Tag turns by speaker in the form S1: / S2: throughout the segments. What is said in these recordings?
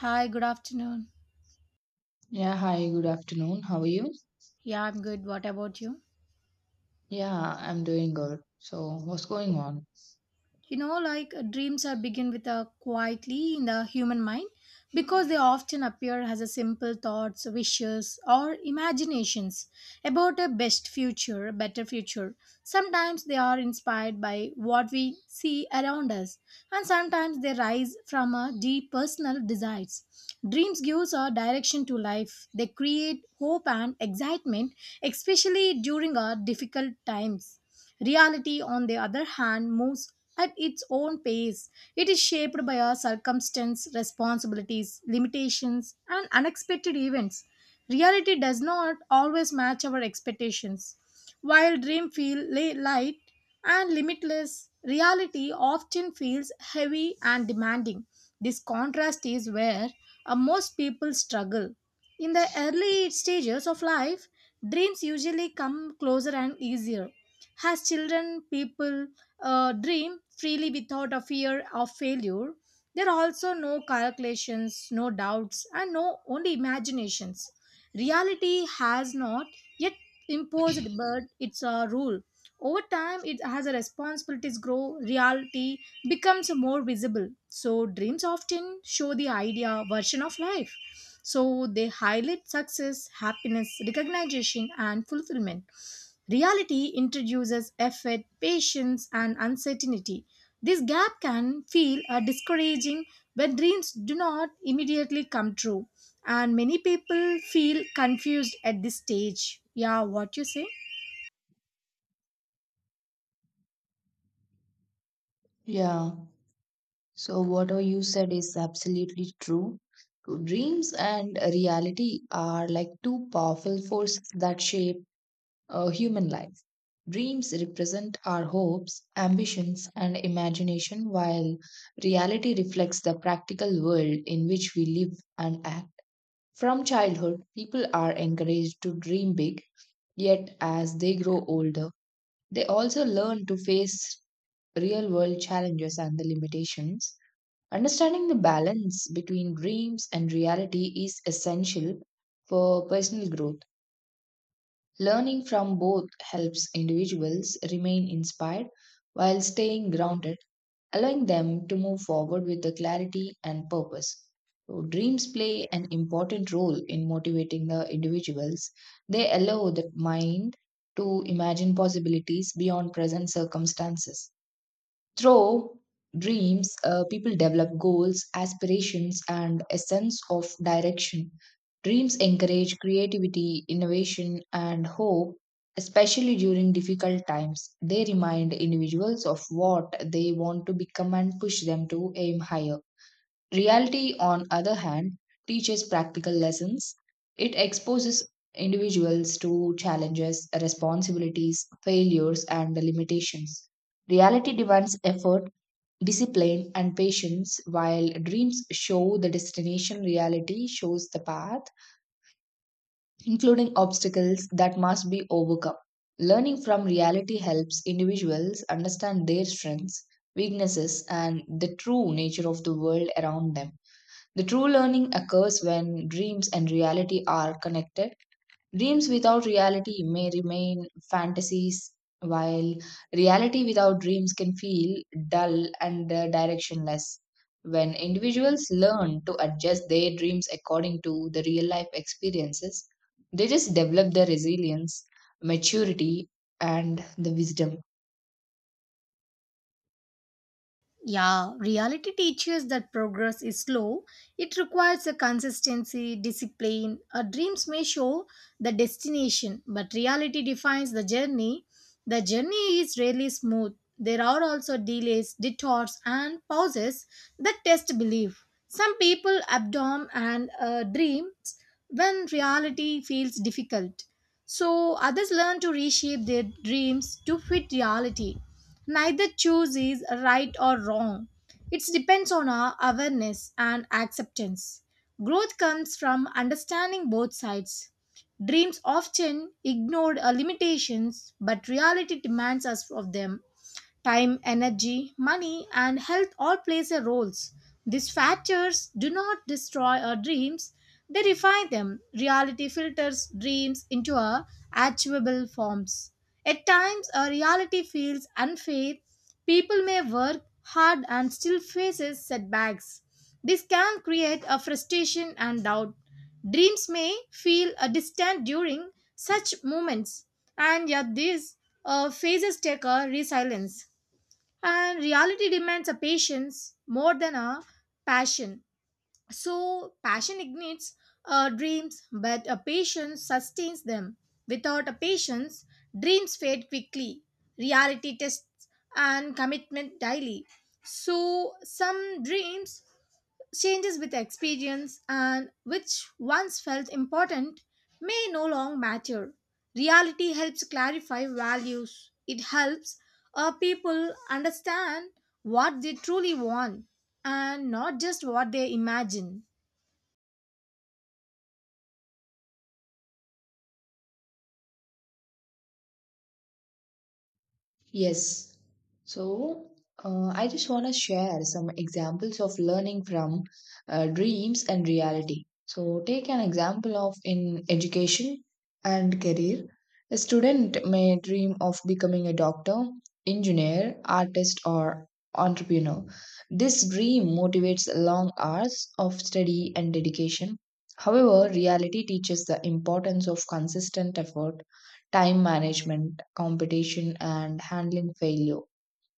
S1: Hi, good afternoon.
S2: Yeah, hi, good afternoon. How are you?
S1: Yeah, I'm good. What about you?
S2: Yeah, I'm doing good. So, what's going on?
S1: You know, like dreams are begin with a quietly in the human mind because they often appear as a simple thoughts, wishes, or imaginations about a best future, a better future. Sometimes they are inspired by what we see around us, and sometimes they rise from our deep personal desires. Dreams gives our direction to life. They create hope and excitement, especially during our difficult times. Reality, on the other hand, moves at its own pace. It is shaped by our circumstance, responsibilities, limitations, and unexpected events. Reality does not always match our expectations. While dreams feel light and limitless, reality often feels heavy and demanding. This contrast is where most people struggle. In the early stages of life, dreams usually come closer and easier. As children, people dream freely without a fear of failure. There are also no calculations, no doubts, and no only imaginations. Reality has not yet imposed, but it's a rule. Over time, it has a responsibilities grow, reality becomes more visible. So, dreams often show the idea version of life. So, they highlight success, happiness, recognition, and fulfillment. Reality introduces effort, patience, and uncertainty. This gap can feel discouraging when dreams do not immediately come true, and many people feel confused at this stage. Yeah, what you say?
S2: Yeah, so whatever you said is absolutely true. Dreams and reality are like two powerful forces that shape human life. Dreams represent our hopes, ambitions, and imagination, while reality reflects the practical world in which we live and act. From childhood, people are encouraged to dream big, yet as they grow older, they also learn to face real world challenges and the limitations. Understanding the balance between dreams and reality is essential for personal growth. Learning from both helps individuals remain inspired while staying grounded, allowing them to move forward with the clarity and purpose. So dreams play an important role in motivating the individuals. They allow the mind to imagine possibilities beyond present circumstances. Through dreams, people develop goals, aspirations, and a sense of direction. Dreams encourage creativity, innovation, and hope, especially during difficult times. They remind individuals of what they want to become and push them to aim higher. Reality, on other hand, teaches practical lessons. It exposes individuals to challenges, responsibilities, failures, and limitations. Reality demands effort, discipline, and patience. While dreams show the destination, reality shows the path, including obstacles that must be overcome. Learning from reality helps individuals understand their strengths, weaknesses, and the true nature of the world around them. The true learning occurs when dreams and reality are connected. Dreams without reality may remain fantasies, while reality without dreams can feel dull and directionless. When individuals learn to adjust their dreams according to the real life experiences, they just develop their resilience, maturity, and the wisdom.
S1: Yeah, reality teaches that progress is slow. It requires a consistency discipline. Our dreams may show the destination, but reality defines the journey. The journey is rarely smooth. There are also delays, detours, and pauses that test belief. Some people abdom and dreams when reality feels difficult. So others learn to reshape their dreams to fit reality. Neither choice is right or wrong. It depends on our awareness and acceptance. Growth comes from understanding both sides. Dreams often ignored our limitations, but reality demands us of them. Time, energy, money, and health all plays a roles. These factors do not destroy our dreams, they refine them. Reality filters dreams into our achievable forms. At times, our reality feels unfair. People may work hard and still faces setbacks. This can create a frustration and doubt. Dreams may feel a distant during such moments, and yet these phases take a resilience, and reality demands a patience more than a passion. So passion ignites dreams, but a patience sustains them. Without a patience, dreams fade quickly. Reality tests and commitment daily. So some dreams changes with experience, and which once felt important may no longer matter. Reality helps clarify values. It helps people understand what they truly want and not just what they imagine.
S2: Yes. So I just want to share some examples of learning from dreams and reality. So take an example of in education and career. A student may dream of becoming a doctor, engineer, artist, or entrepreneur. This dream motivates long hours of study and dedication. However, reality teaches the importance of consistent effort, time management, competition, and handling failure.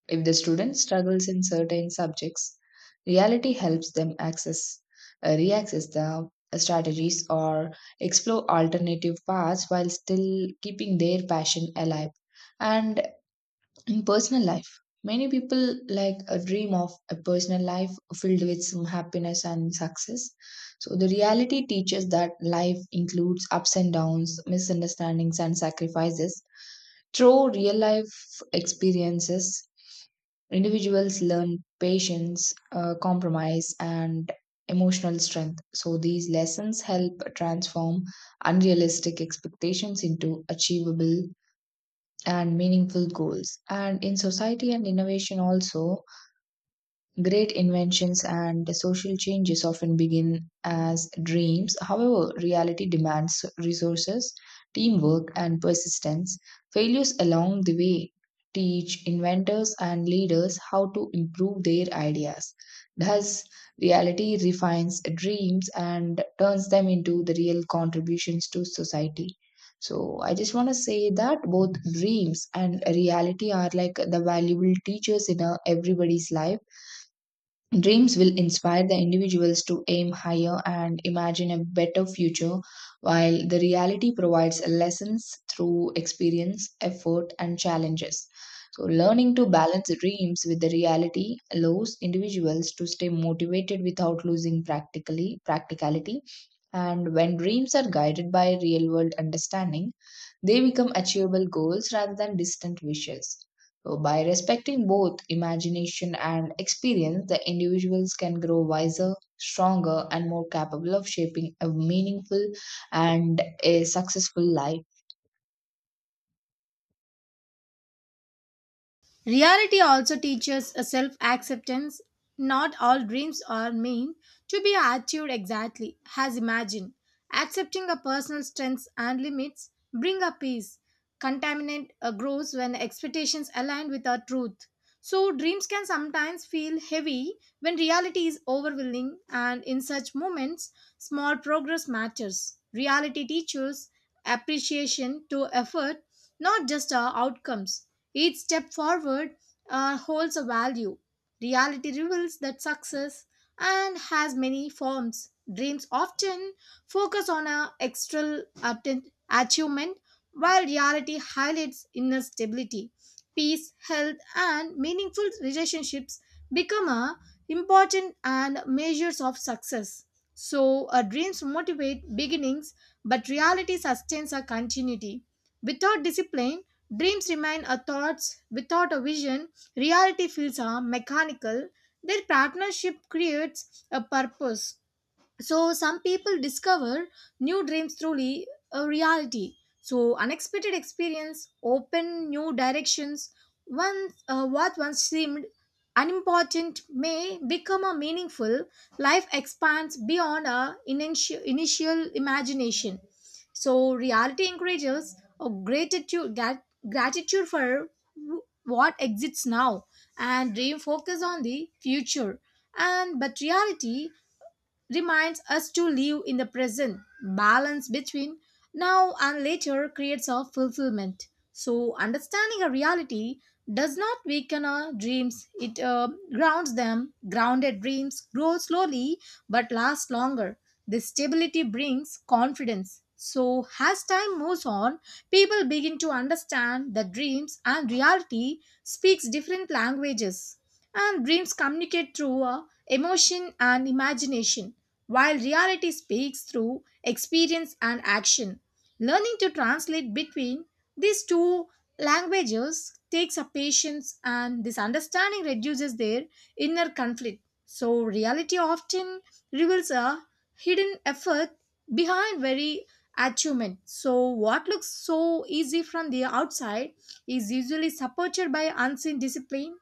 S2: If the student struggles in certain subjects, reality helps them access, reaccess the strategies or explore alternative paths while still keeping their passion alive. And in personal life, many people like a dream of a personal life filled with some happiness and success. So the reality teaches that life includes ups and downs, misunderstandings, and sacrifices. Through real life experiences, individuals learn patience, compromise, and emotional strength. So, these lessons help transform unrealistic expectations into achievable and meaningful goals. And in society and innovation, also, great inventions and social changes often begin as dreams. However, reality demands resources, teamwork, and persistence. Failures along the way teach inventors and leaders how to improve their ideas. Thus, reality refines dreams and turns them into the real contributions to society. So, I just want to say that both dreams and reality are like the valuable teachers in everybody's life. Dreams will inspire the individuals to aim higher and imagine a better future, while the reality provides lessons through experience, effort, and challenges. So, learning to balance dreams with the reality allows individuals to stay motivated without losing practically practicality. And when dreams are guided by real world understanding, they become achievable goals rather than distant wishes. So by respecting both imagination and experience, the individuals can grow wiser, stronger, and more capable of shaping a meaningful and a successful life.
S1: Reality also teaches a self acceptance. Not all dreams are meant to be achieved exactly as imagined. Accepting a personal strengths and limits bring a peace. Contaminant grows when expectations align with our truth. So dreams can sometimes feel heavy when reality is overwhelming, and in such moments small progress matters. Reality teaches appreciation to effort, not just our outcomes. Each step forward holds a value. Reality reveals that success and has many forms. Dreams often focus on a external achievement, while reality highlights inner stability. Peace, health, and meaningful relationships become a important and measures of success. So, our dreams motivate beginnings, but reality sustains a continuity. Without discipline, dreams remain a thoughts. Without a vision, reality feels a mechanical. Their partnership creates a purpose. So some people discover new dreams truly a reality. So unexpected experience open new directions. Once what once seemed unimportant may become a meaningful. Life expands beyond our initial imagination. So reality encourages a gratitude for what exists now. And dream focus on the future, and but reality reminds us to live in the present. Balance between now and later creates our fulfillment. So, understanding a reality does not weaken our dreams, it grounds them. Grounded dreams grow slowly but last longer. This stability brings confidence. So, as time moves on, people begin to understand that dreams and reality speaks different languages. And dreams communicate through emotion and imagination, while reality speaks through experience and action. Learning to translate between these two languages takes a patience, and this understanding reduces their inner conflict. So, reality often reveals a hidden effort behind very achievement. So, what looks so easy from the outside is usually supported by unseen discipline.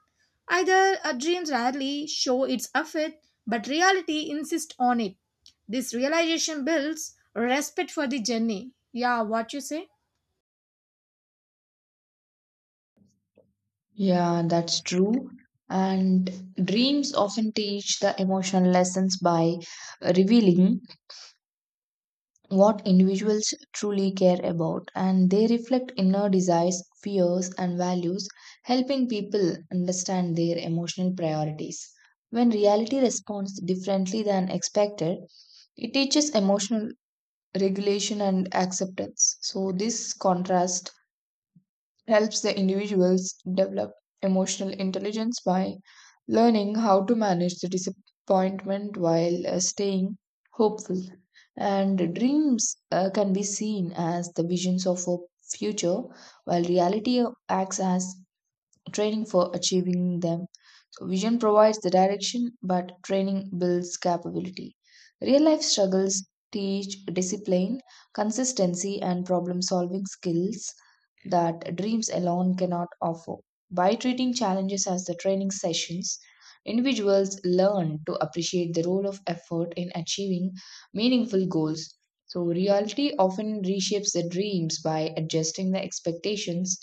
S1: Either a dream rarely show its effort, but reality insists on it. This realization builds respect for the journey. Yeah, what you say?
S2: Yeah, that's true. And dreams often teach the emotional lessons by revealing what individuals truly care about, and they reflect inner desires, fears, and values, helping people understand their emotional priorities. When reality responds differently than expected, it teaches emotional regulation and acceptance. So, this contrast helps the individuals develop emotional intelligence by learning how to manage the disappointment while staying hopeful. And dreams can be seen as the visions of a future, while reality acts as training for achieving them. So, vision provides the direction, but training builds capability. Real life struggles teach discipline, consistency, and problem solving skills that dreams alone cannot offer. By treating challenges as the training sessions, individuals learn to appreciate the role of effort in achieving meaningful goals. So, reality often reshapes the dreams by adjusting the expectations.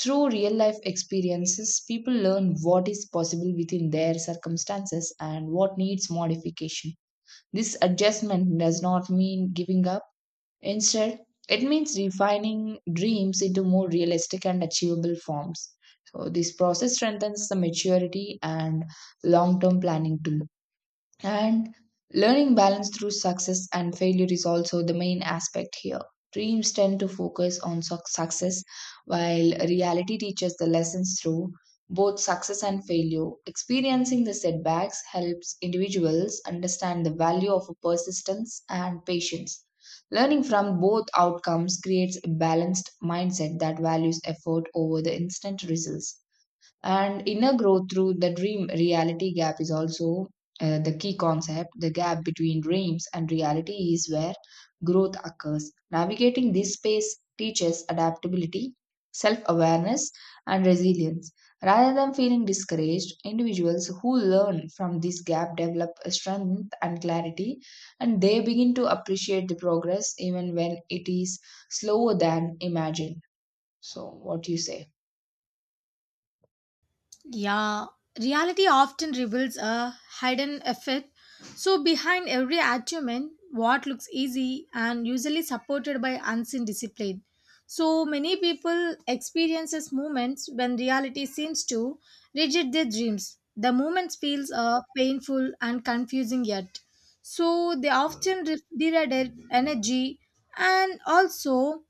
S2: Through real life experiences, people learn what is possible within their circumstances and what needs modification. This adjustment does not mean giving up. Instead, it means refining dreams into more realistic and achievable forms. So, this process strengthens the maturity and long term planning tools. And learning balance through success and failure is also the main aspect here. Dreams tend to focus on success, while reality teaches the lessons through both success and failure. Experiencing the setbacks helps individuals understand the value of persistence and patience. Learning from both outcomes creates a balanced mindset that values effort over the instant results. And inner growth through the dream reality gap is also the key concept. The gap between dreams and reality is where growth occurs. Navigating this space teaches adaptability, self awareness, and resilience. Rather than feeling discouraged, individuals who learn from this gap develop strength and clarity, and they begin to appreciate the progress even when it is slower than imagined. So, what do you say?
S1: Yeah, reality often reveals a hidden effect. So, behind every achievement, what looks easy and usually supported by unseen discipline. So, many people experiences moments when reality seems to reject their dreams. The moments feels painful and confusing yet. So, they often redirect energy and also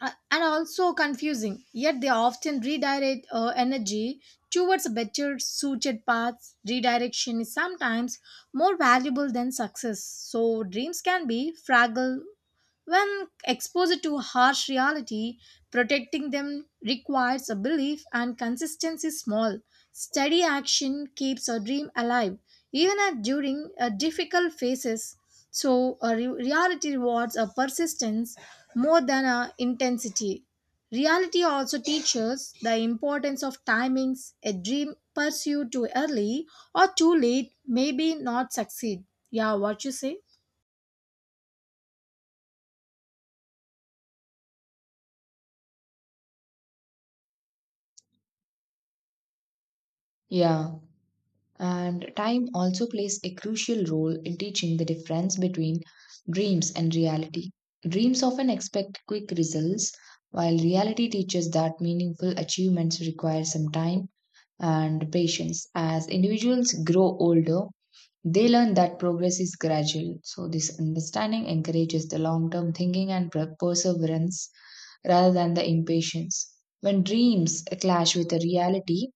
S1: and also confusing. Yet they often redirect energy towards better suited paths. Redirection is sometimes more valuable than success. So dreams can be fragile when exposed to harsh reality. Protecting them requires a belief and consistency. Small, steady action keeps a dream alive, even at during difficult phases. So, a reality rewards a persistence more than a intensity. Reality also teaches the importance of timings. A dream pursued too early or too late may be not succeed. Yeah, what you say?
S2: Yeah. And time also plays a crucial role in teaching the difference between dreams and reality. Dreams often expect quick results, while reality teaches that meaningful achievements require some time and patience. As individuals grow older, they learn that progress is gradual. So, this understanding encourages the long term thinking and perseverance rather than the impatience. When dreams clash with the reality,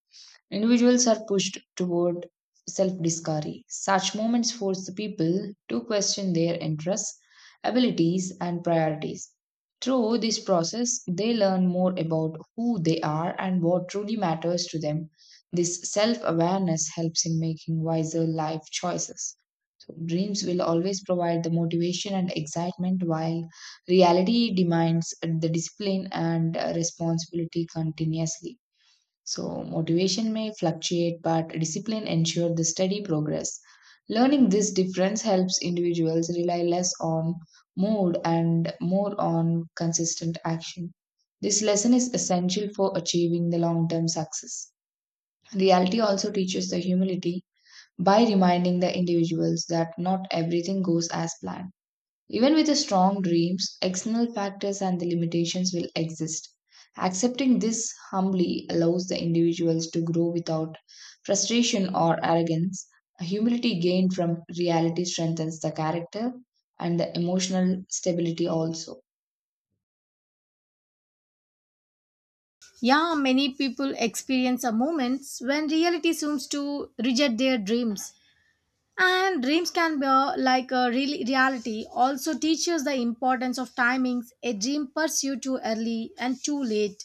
S2: individuals are pushed toward self discovery. Such moments force the people to question their interests, abilities, and priorities. Through this process, they learn more about who they are and what truly matters to them. This self awareness helps in making wiser life choices. So, dreams will always provide the motivation and excitement, while reality demands the discipline and responsibility continuously. So, motivation may fluctuate, but discipline ensures the steady progress. Learning this difference helps individuals rely less on mood and more on consistent action. This lesson is essential for achieving the long term success. Reality also teaches the humility by reminding the individuals that not everything goes as planned. Even with the strong dreams, external factors and the limitations will exist. Accepting this humbly allows the individuals to grow without frustration or arrogance. Humility gained from reality strengthens the character and the emotional stability also.
S1: Yeah, many people experience a moments when reality seems to reject their dreams. And dreams can be like a real reality also teaches the importance of timings. A dream pursued too early and too late.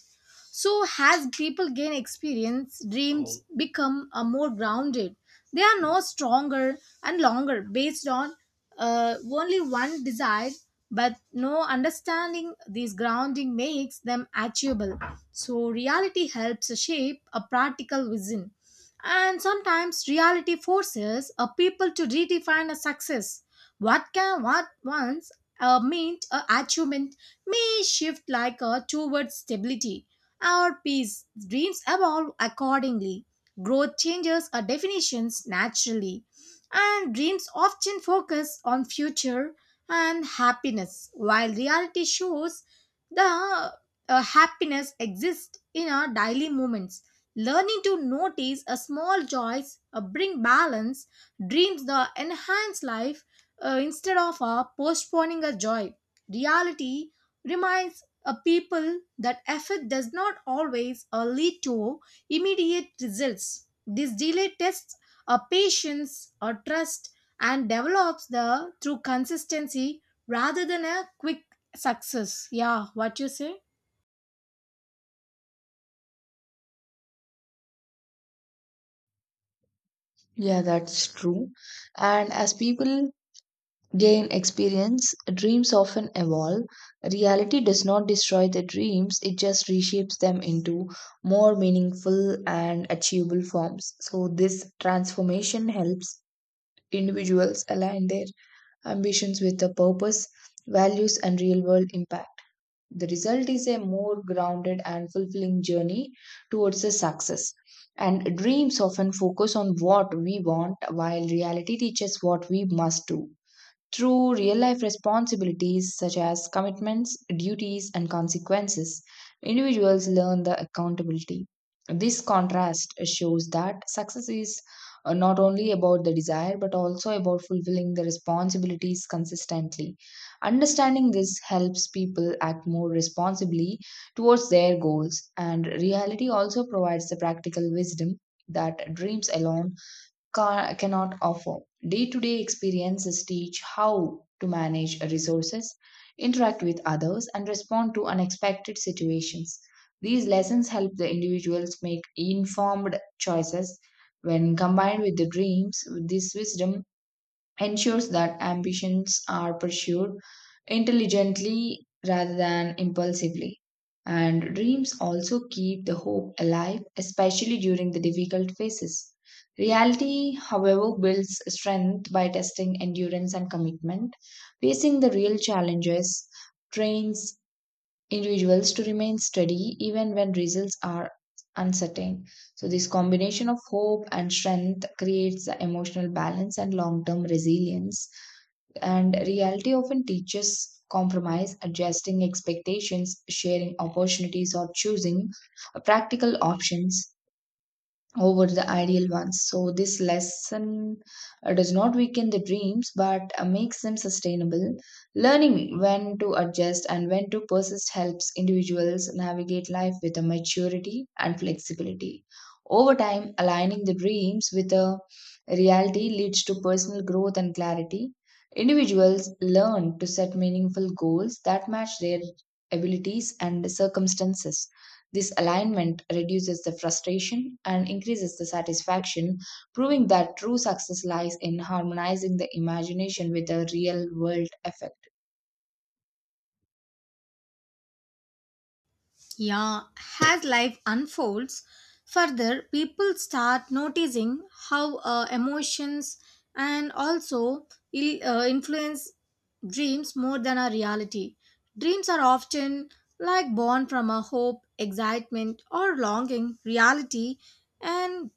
S1: So as people gain experience, dreams become more grounded. They are no stronger and longer based on only one desire, but no understanding this grounding makes them achievable. So reality helps shape a practical vision. And sometimes reality forces a people to redefine a success. What can what once meant a achievement may shift like a towards stability or peace. Dreams evolve accordingly. Growth changes our definitions naturally. And dreams often focus on future and happiness, while reality shows the happiness exists in our daily moments. Learning to notice a small joys, bring balance, dreams the enhance life instead of postponing a joy. Reality reminds a people that effort does not always lead to immediate results. This delay tests a patience or trust and develops the through consistency rather than a quick success. Yeah, what you say?
S2: Yeah, that's true. And as people gain experience, dreams often evolve. Reality does not destroy the dreams, it just reshapes them into more meaningful and achievable forms. So, this transformation helps individuals align their ambitions with the purpose, values, and real world impact. The result is a more grounded and fulfilling journey towards the success. And dreams often focus on what we want, while reality teaches what we must do. Through real life responsibilities, such as commitments, duties, and consequences, individuals learn the accountability. This contrast shows that success is not only about the desire but also about fulfilling the responsibilities consistently. Understanding this helps people act more responsibly towards their goals, and reality also provides the practical wisdom that dreams alone cannot offer. Day to day experiences teach how to manage resources, interact with others, and respond to unexpected situations. These lessons help the individuals make informed choices. When combined with the dreams, this wisdom ensures that ambitions are pursued intelligently rather than impulsively. And dreams also keep the hope alive, especially during the difficult phases. Reality, however, builds strength by testing endurance and commitment. Facing the real challenges, trains individuals to remain steady even when results are uncertain. So, this combination of hope and strength creates the emotional balance and long term resilience. And reality often teaches compromise, adjusting expectations, sharing opportunities, or choosing practical options over the ideal ones. So, this lesson does not weaken the dreams but makes them sustainable. Learning when to adjust and when to persist helps individuals navigate life with a maturity and flexibility. Over time, aligning the dreams with a reality leads to personal growth and clarity. Individuals learn to set meaningful goals that match their abilities and circumstances. This alignment reduces the frustration and increases the satisfaction, proving that true success lies in harmonizing the imagination with the real world effect.
S1: Yeah, as life unfolds further, people start noticing how emotions and also influence dreams more than our reality. Dreams are often like born from a hope, excitement, or longing. Reality and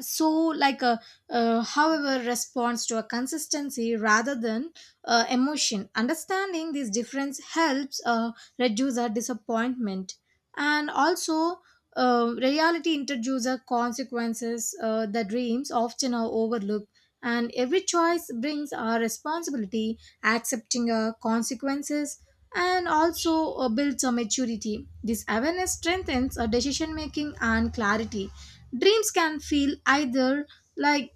S1: so like a however responds to a consistency rather than emotion. Understanding this difference helps reduce our disappointment. And also reality introduces our consequences. The dreams often are overlooked, and every choice brings our responsibility accepting our consequences, and also builds a maturity. This awareness strengthens our decision making and clarity. dreams can feel either like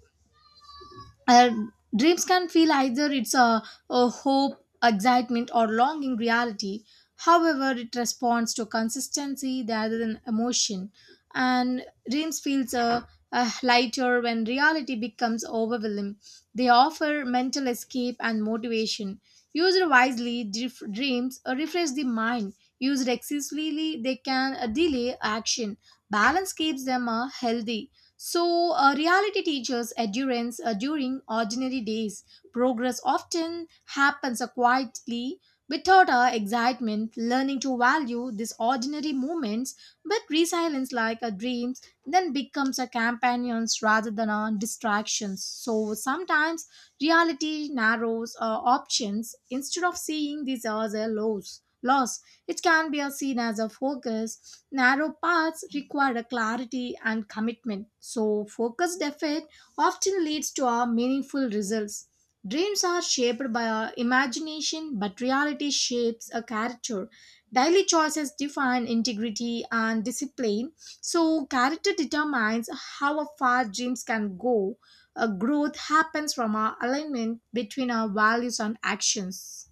S1: uh, Dreams can feel either it's a hope excitement or longing. Reality however it responds to consistency rather than emotion. And dreams feels lighter when reality becomes overwhelming. They offer mental escape and motivation. Used wisely, dreams refresh the mind. Used excessively, they can delay action. Balance keeps them healthy. So, reality teaches endurance during ordinary days. Progress often happens quietly without our excitement, learning to value these ordinary moments, but resilience like a dreams then becomes a companions rather than our distractions. So sometimes reality narrows our options instead of seeing these as a loss. It can be seen as a focus. Narrow paths require a clarity and commitment. So, focused effort often leads to our meaningful results. Dreams are shaped by our imagination, but reality shapes a character. Daily choices define integrity and discipline. So, character determines how far dreams can go. A growth happens from our alignment between our values and actions.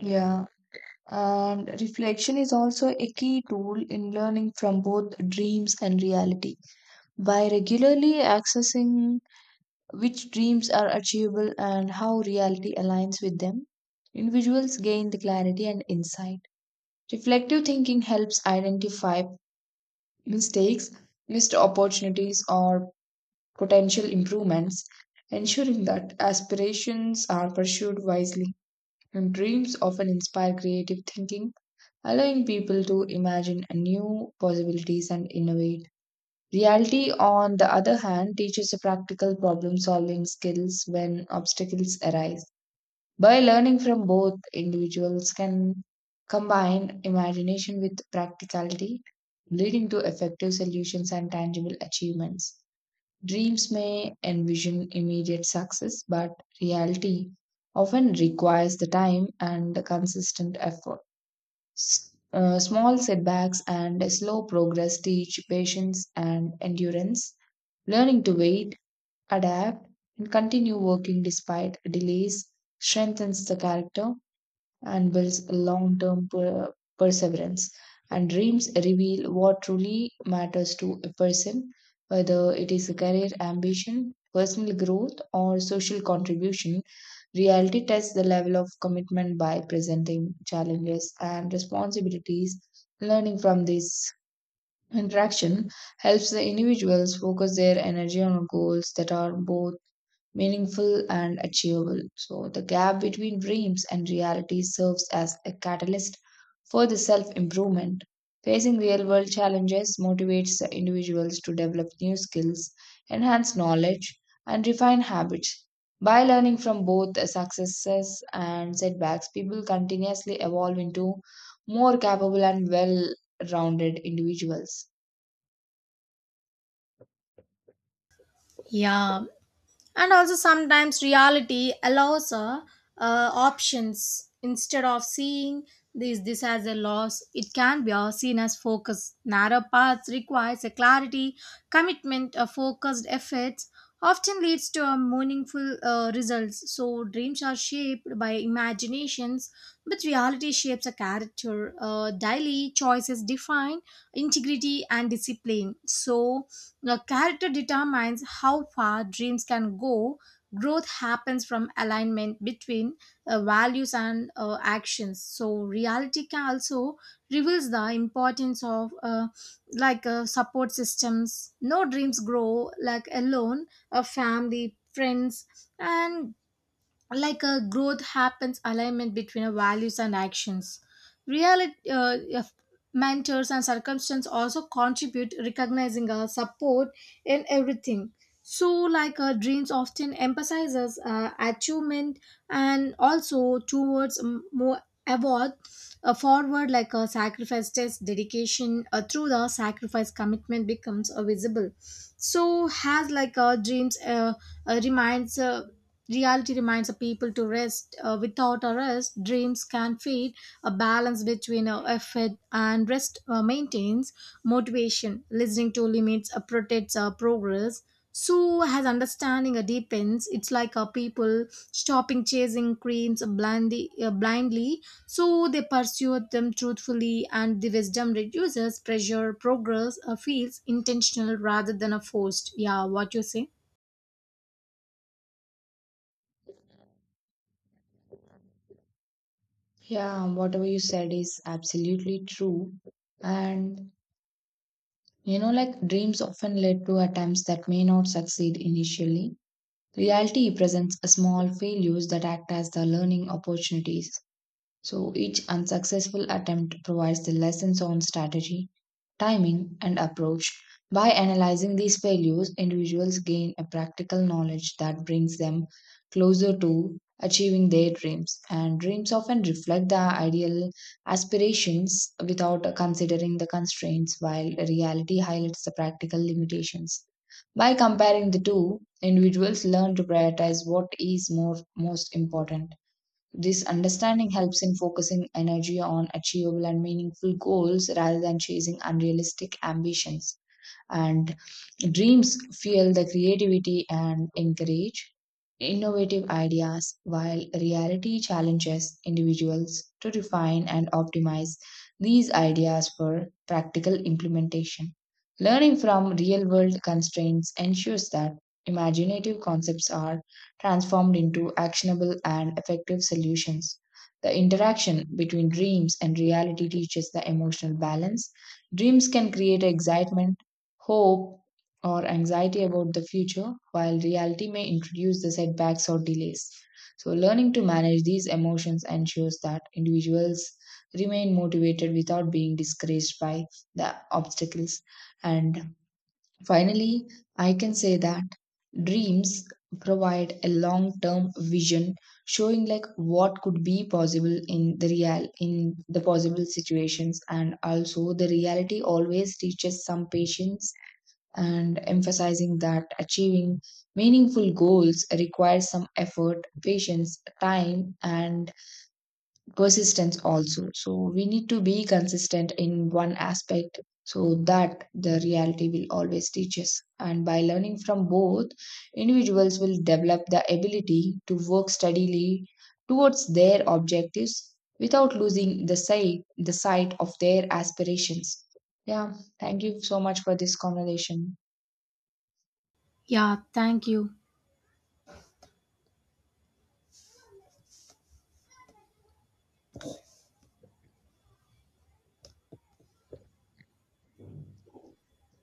S2: Yeah, and reflection is also a key tool in learning from both dreams and reality. By regularly accessing which dreams are achievable and how reality aligns with them, individuals gain the clarity and insight. Reflective thinking helps identify mistakes, missed opportunities, or potential improvements, ensuring that aspirations are pursued wisely. And dreams often inspire creative thinking, allowing people to imagine new possibilities and innovate. Reality, on the other hand, teaches practical problem solving skills when obstacles arise. By learning from both, individuals can combine imagination with practicality, leading to effective solutions and tangible achievements. Dreams may envision immediate success, but reality often requires the time and the consistent effort. Small setbacks and slow progress teach patience and endurance. Learning to wait, adapt, and continue working despite delays strengthens the character and builds long term perseverance. And dreams reveal what truly matters to a person, whether it is a career ambition, personal growth, or social contribution. Reality tests the level of commitment by presenting challenges and responsibilities. Learning from this interaction helps the individuals focus their energy on goals that are both meaningful and achievable. So, the gap between dreams and reality serves as a catalyst for the self improvement. Facing real world challenges motivates the individuals to develop new skills, enhance knowledge, and refine habits. By learning from both the successes and setbacks, people continuously evolve into more capable and well rounded individuals.
S1: Yeah, and also sometimes reality allows options instead of seeing this as a loss. It can be seen as focus. Narrow paths requires a clarity commitment. A focused efforts often leads to a meaningful results. So dreams are shaped by imaginations, but reality shapes a character. Daily choices define integrity and discipline. So the character determines how far dreams can go. Growth happens from alignment between values and actions. So reality can also reveals the importance of like support systems. No dreams grow like alone. A family, friends, and like a growth happens alignment between our values and actions reality. If mentors and circumstance also contribute recognizing our support in everything. So like our dreams often emphasizes achievement and also towards more award, a forward like a sacrifice test dedication. Through the sacrifice, commitment becomes visible. So has like a dreams reminds reality reminds the people to rest. Without a rest, dreams can feed. A balance between effort and rest maintains motivation. Listening to limits protects progress. So as understanding deepens, it's like people stopping chasing dreams blindly, so they pursue them truthfully, and the wisdom reduces pressure. Progress feels intentional rather than a forced. Yeah, what you say?
S2: Yeah, whatever you said is absolutely true. And you know, like dreams often lead to attempts that may not succeed initially. Reality presents a small failures that act as the learning opportunities. So each unsuccessful attempt provides the lessons on strategy, timing, and approach. By analyzing these failures, individuals gain a practical knowledge that brings them closer to achieving their dreams. And dreams often reflect the ideal aspirations without considering the constraints, while reality highlights the practical limitations. By comparing the two, individuals learn to prioritize what is more most important. This understanding helps in focusing energy on achievable and meaningful goals rather than chasing unrealistic ambitions. And dreams fuel the creativity and encourage innovative ideas, while reality challenges individuals to refine and optimize these ideas for practical implementation. Learning from real world constraints ensures that imaginative concepts are transformed into actionable and effective solutions. The interaction between dreams and reality teaches the emotional balance. Dreams can create excitement, hope, or anxiety about the future, while reality may introduce the setbacks or delays. So, learning to manage these emotions ensures that individuals remain motivated without being discouraged by the obstacles. And finally, I can say that dreams provide a long term vision, showing like what could be possible in the possible situations, and also the reality always teaches some patience and emphasizing that achieving meaningful goals requires some effort, patience, time, and persistence also. So we need to be consistent in one aspect so that the reality will always teach us. And by learning from both, individuals will develop the ability to work steadily towards their objectives without losing the sight of their aspirations. Yeah, thank you so much for this conversation.
S1: Yeah, thank you.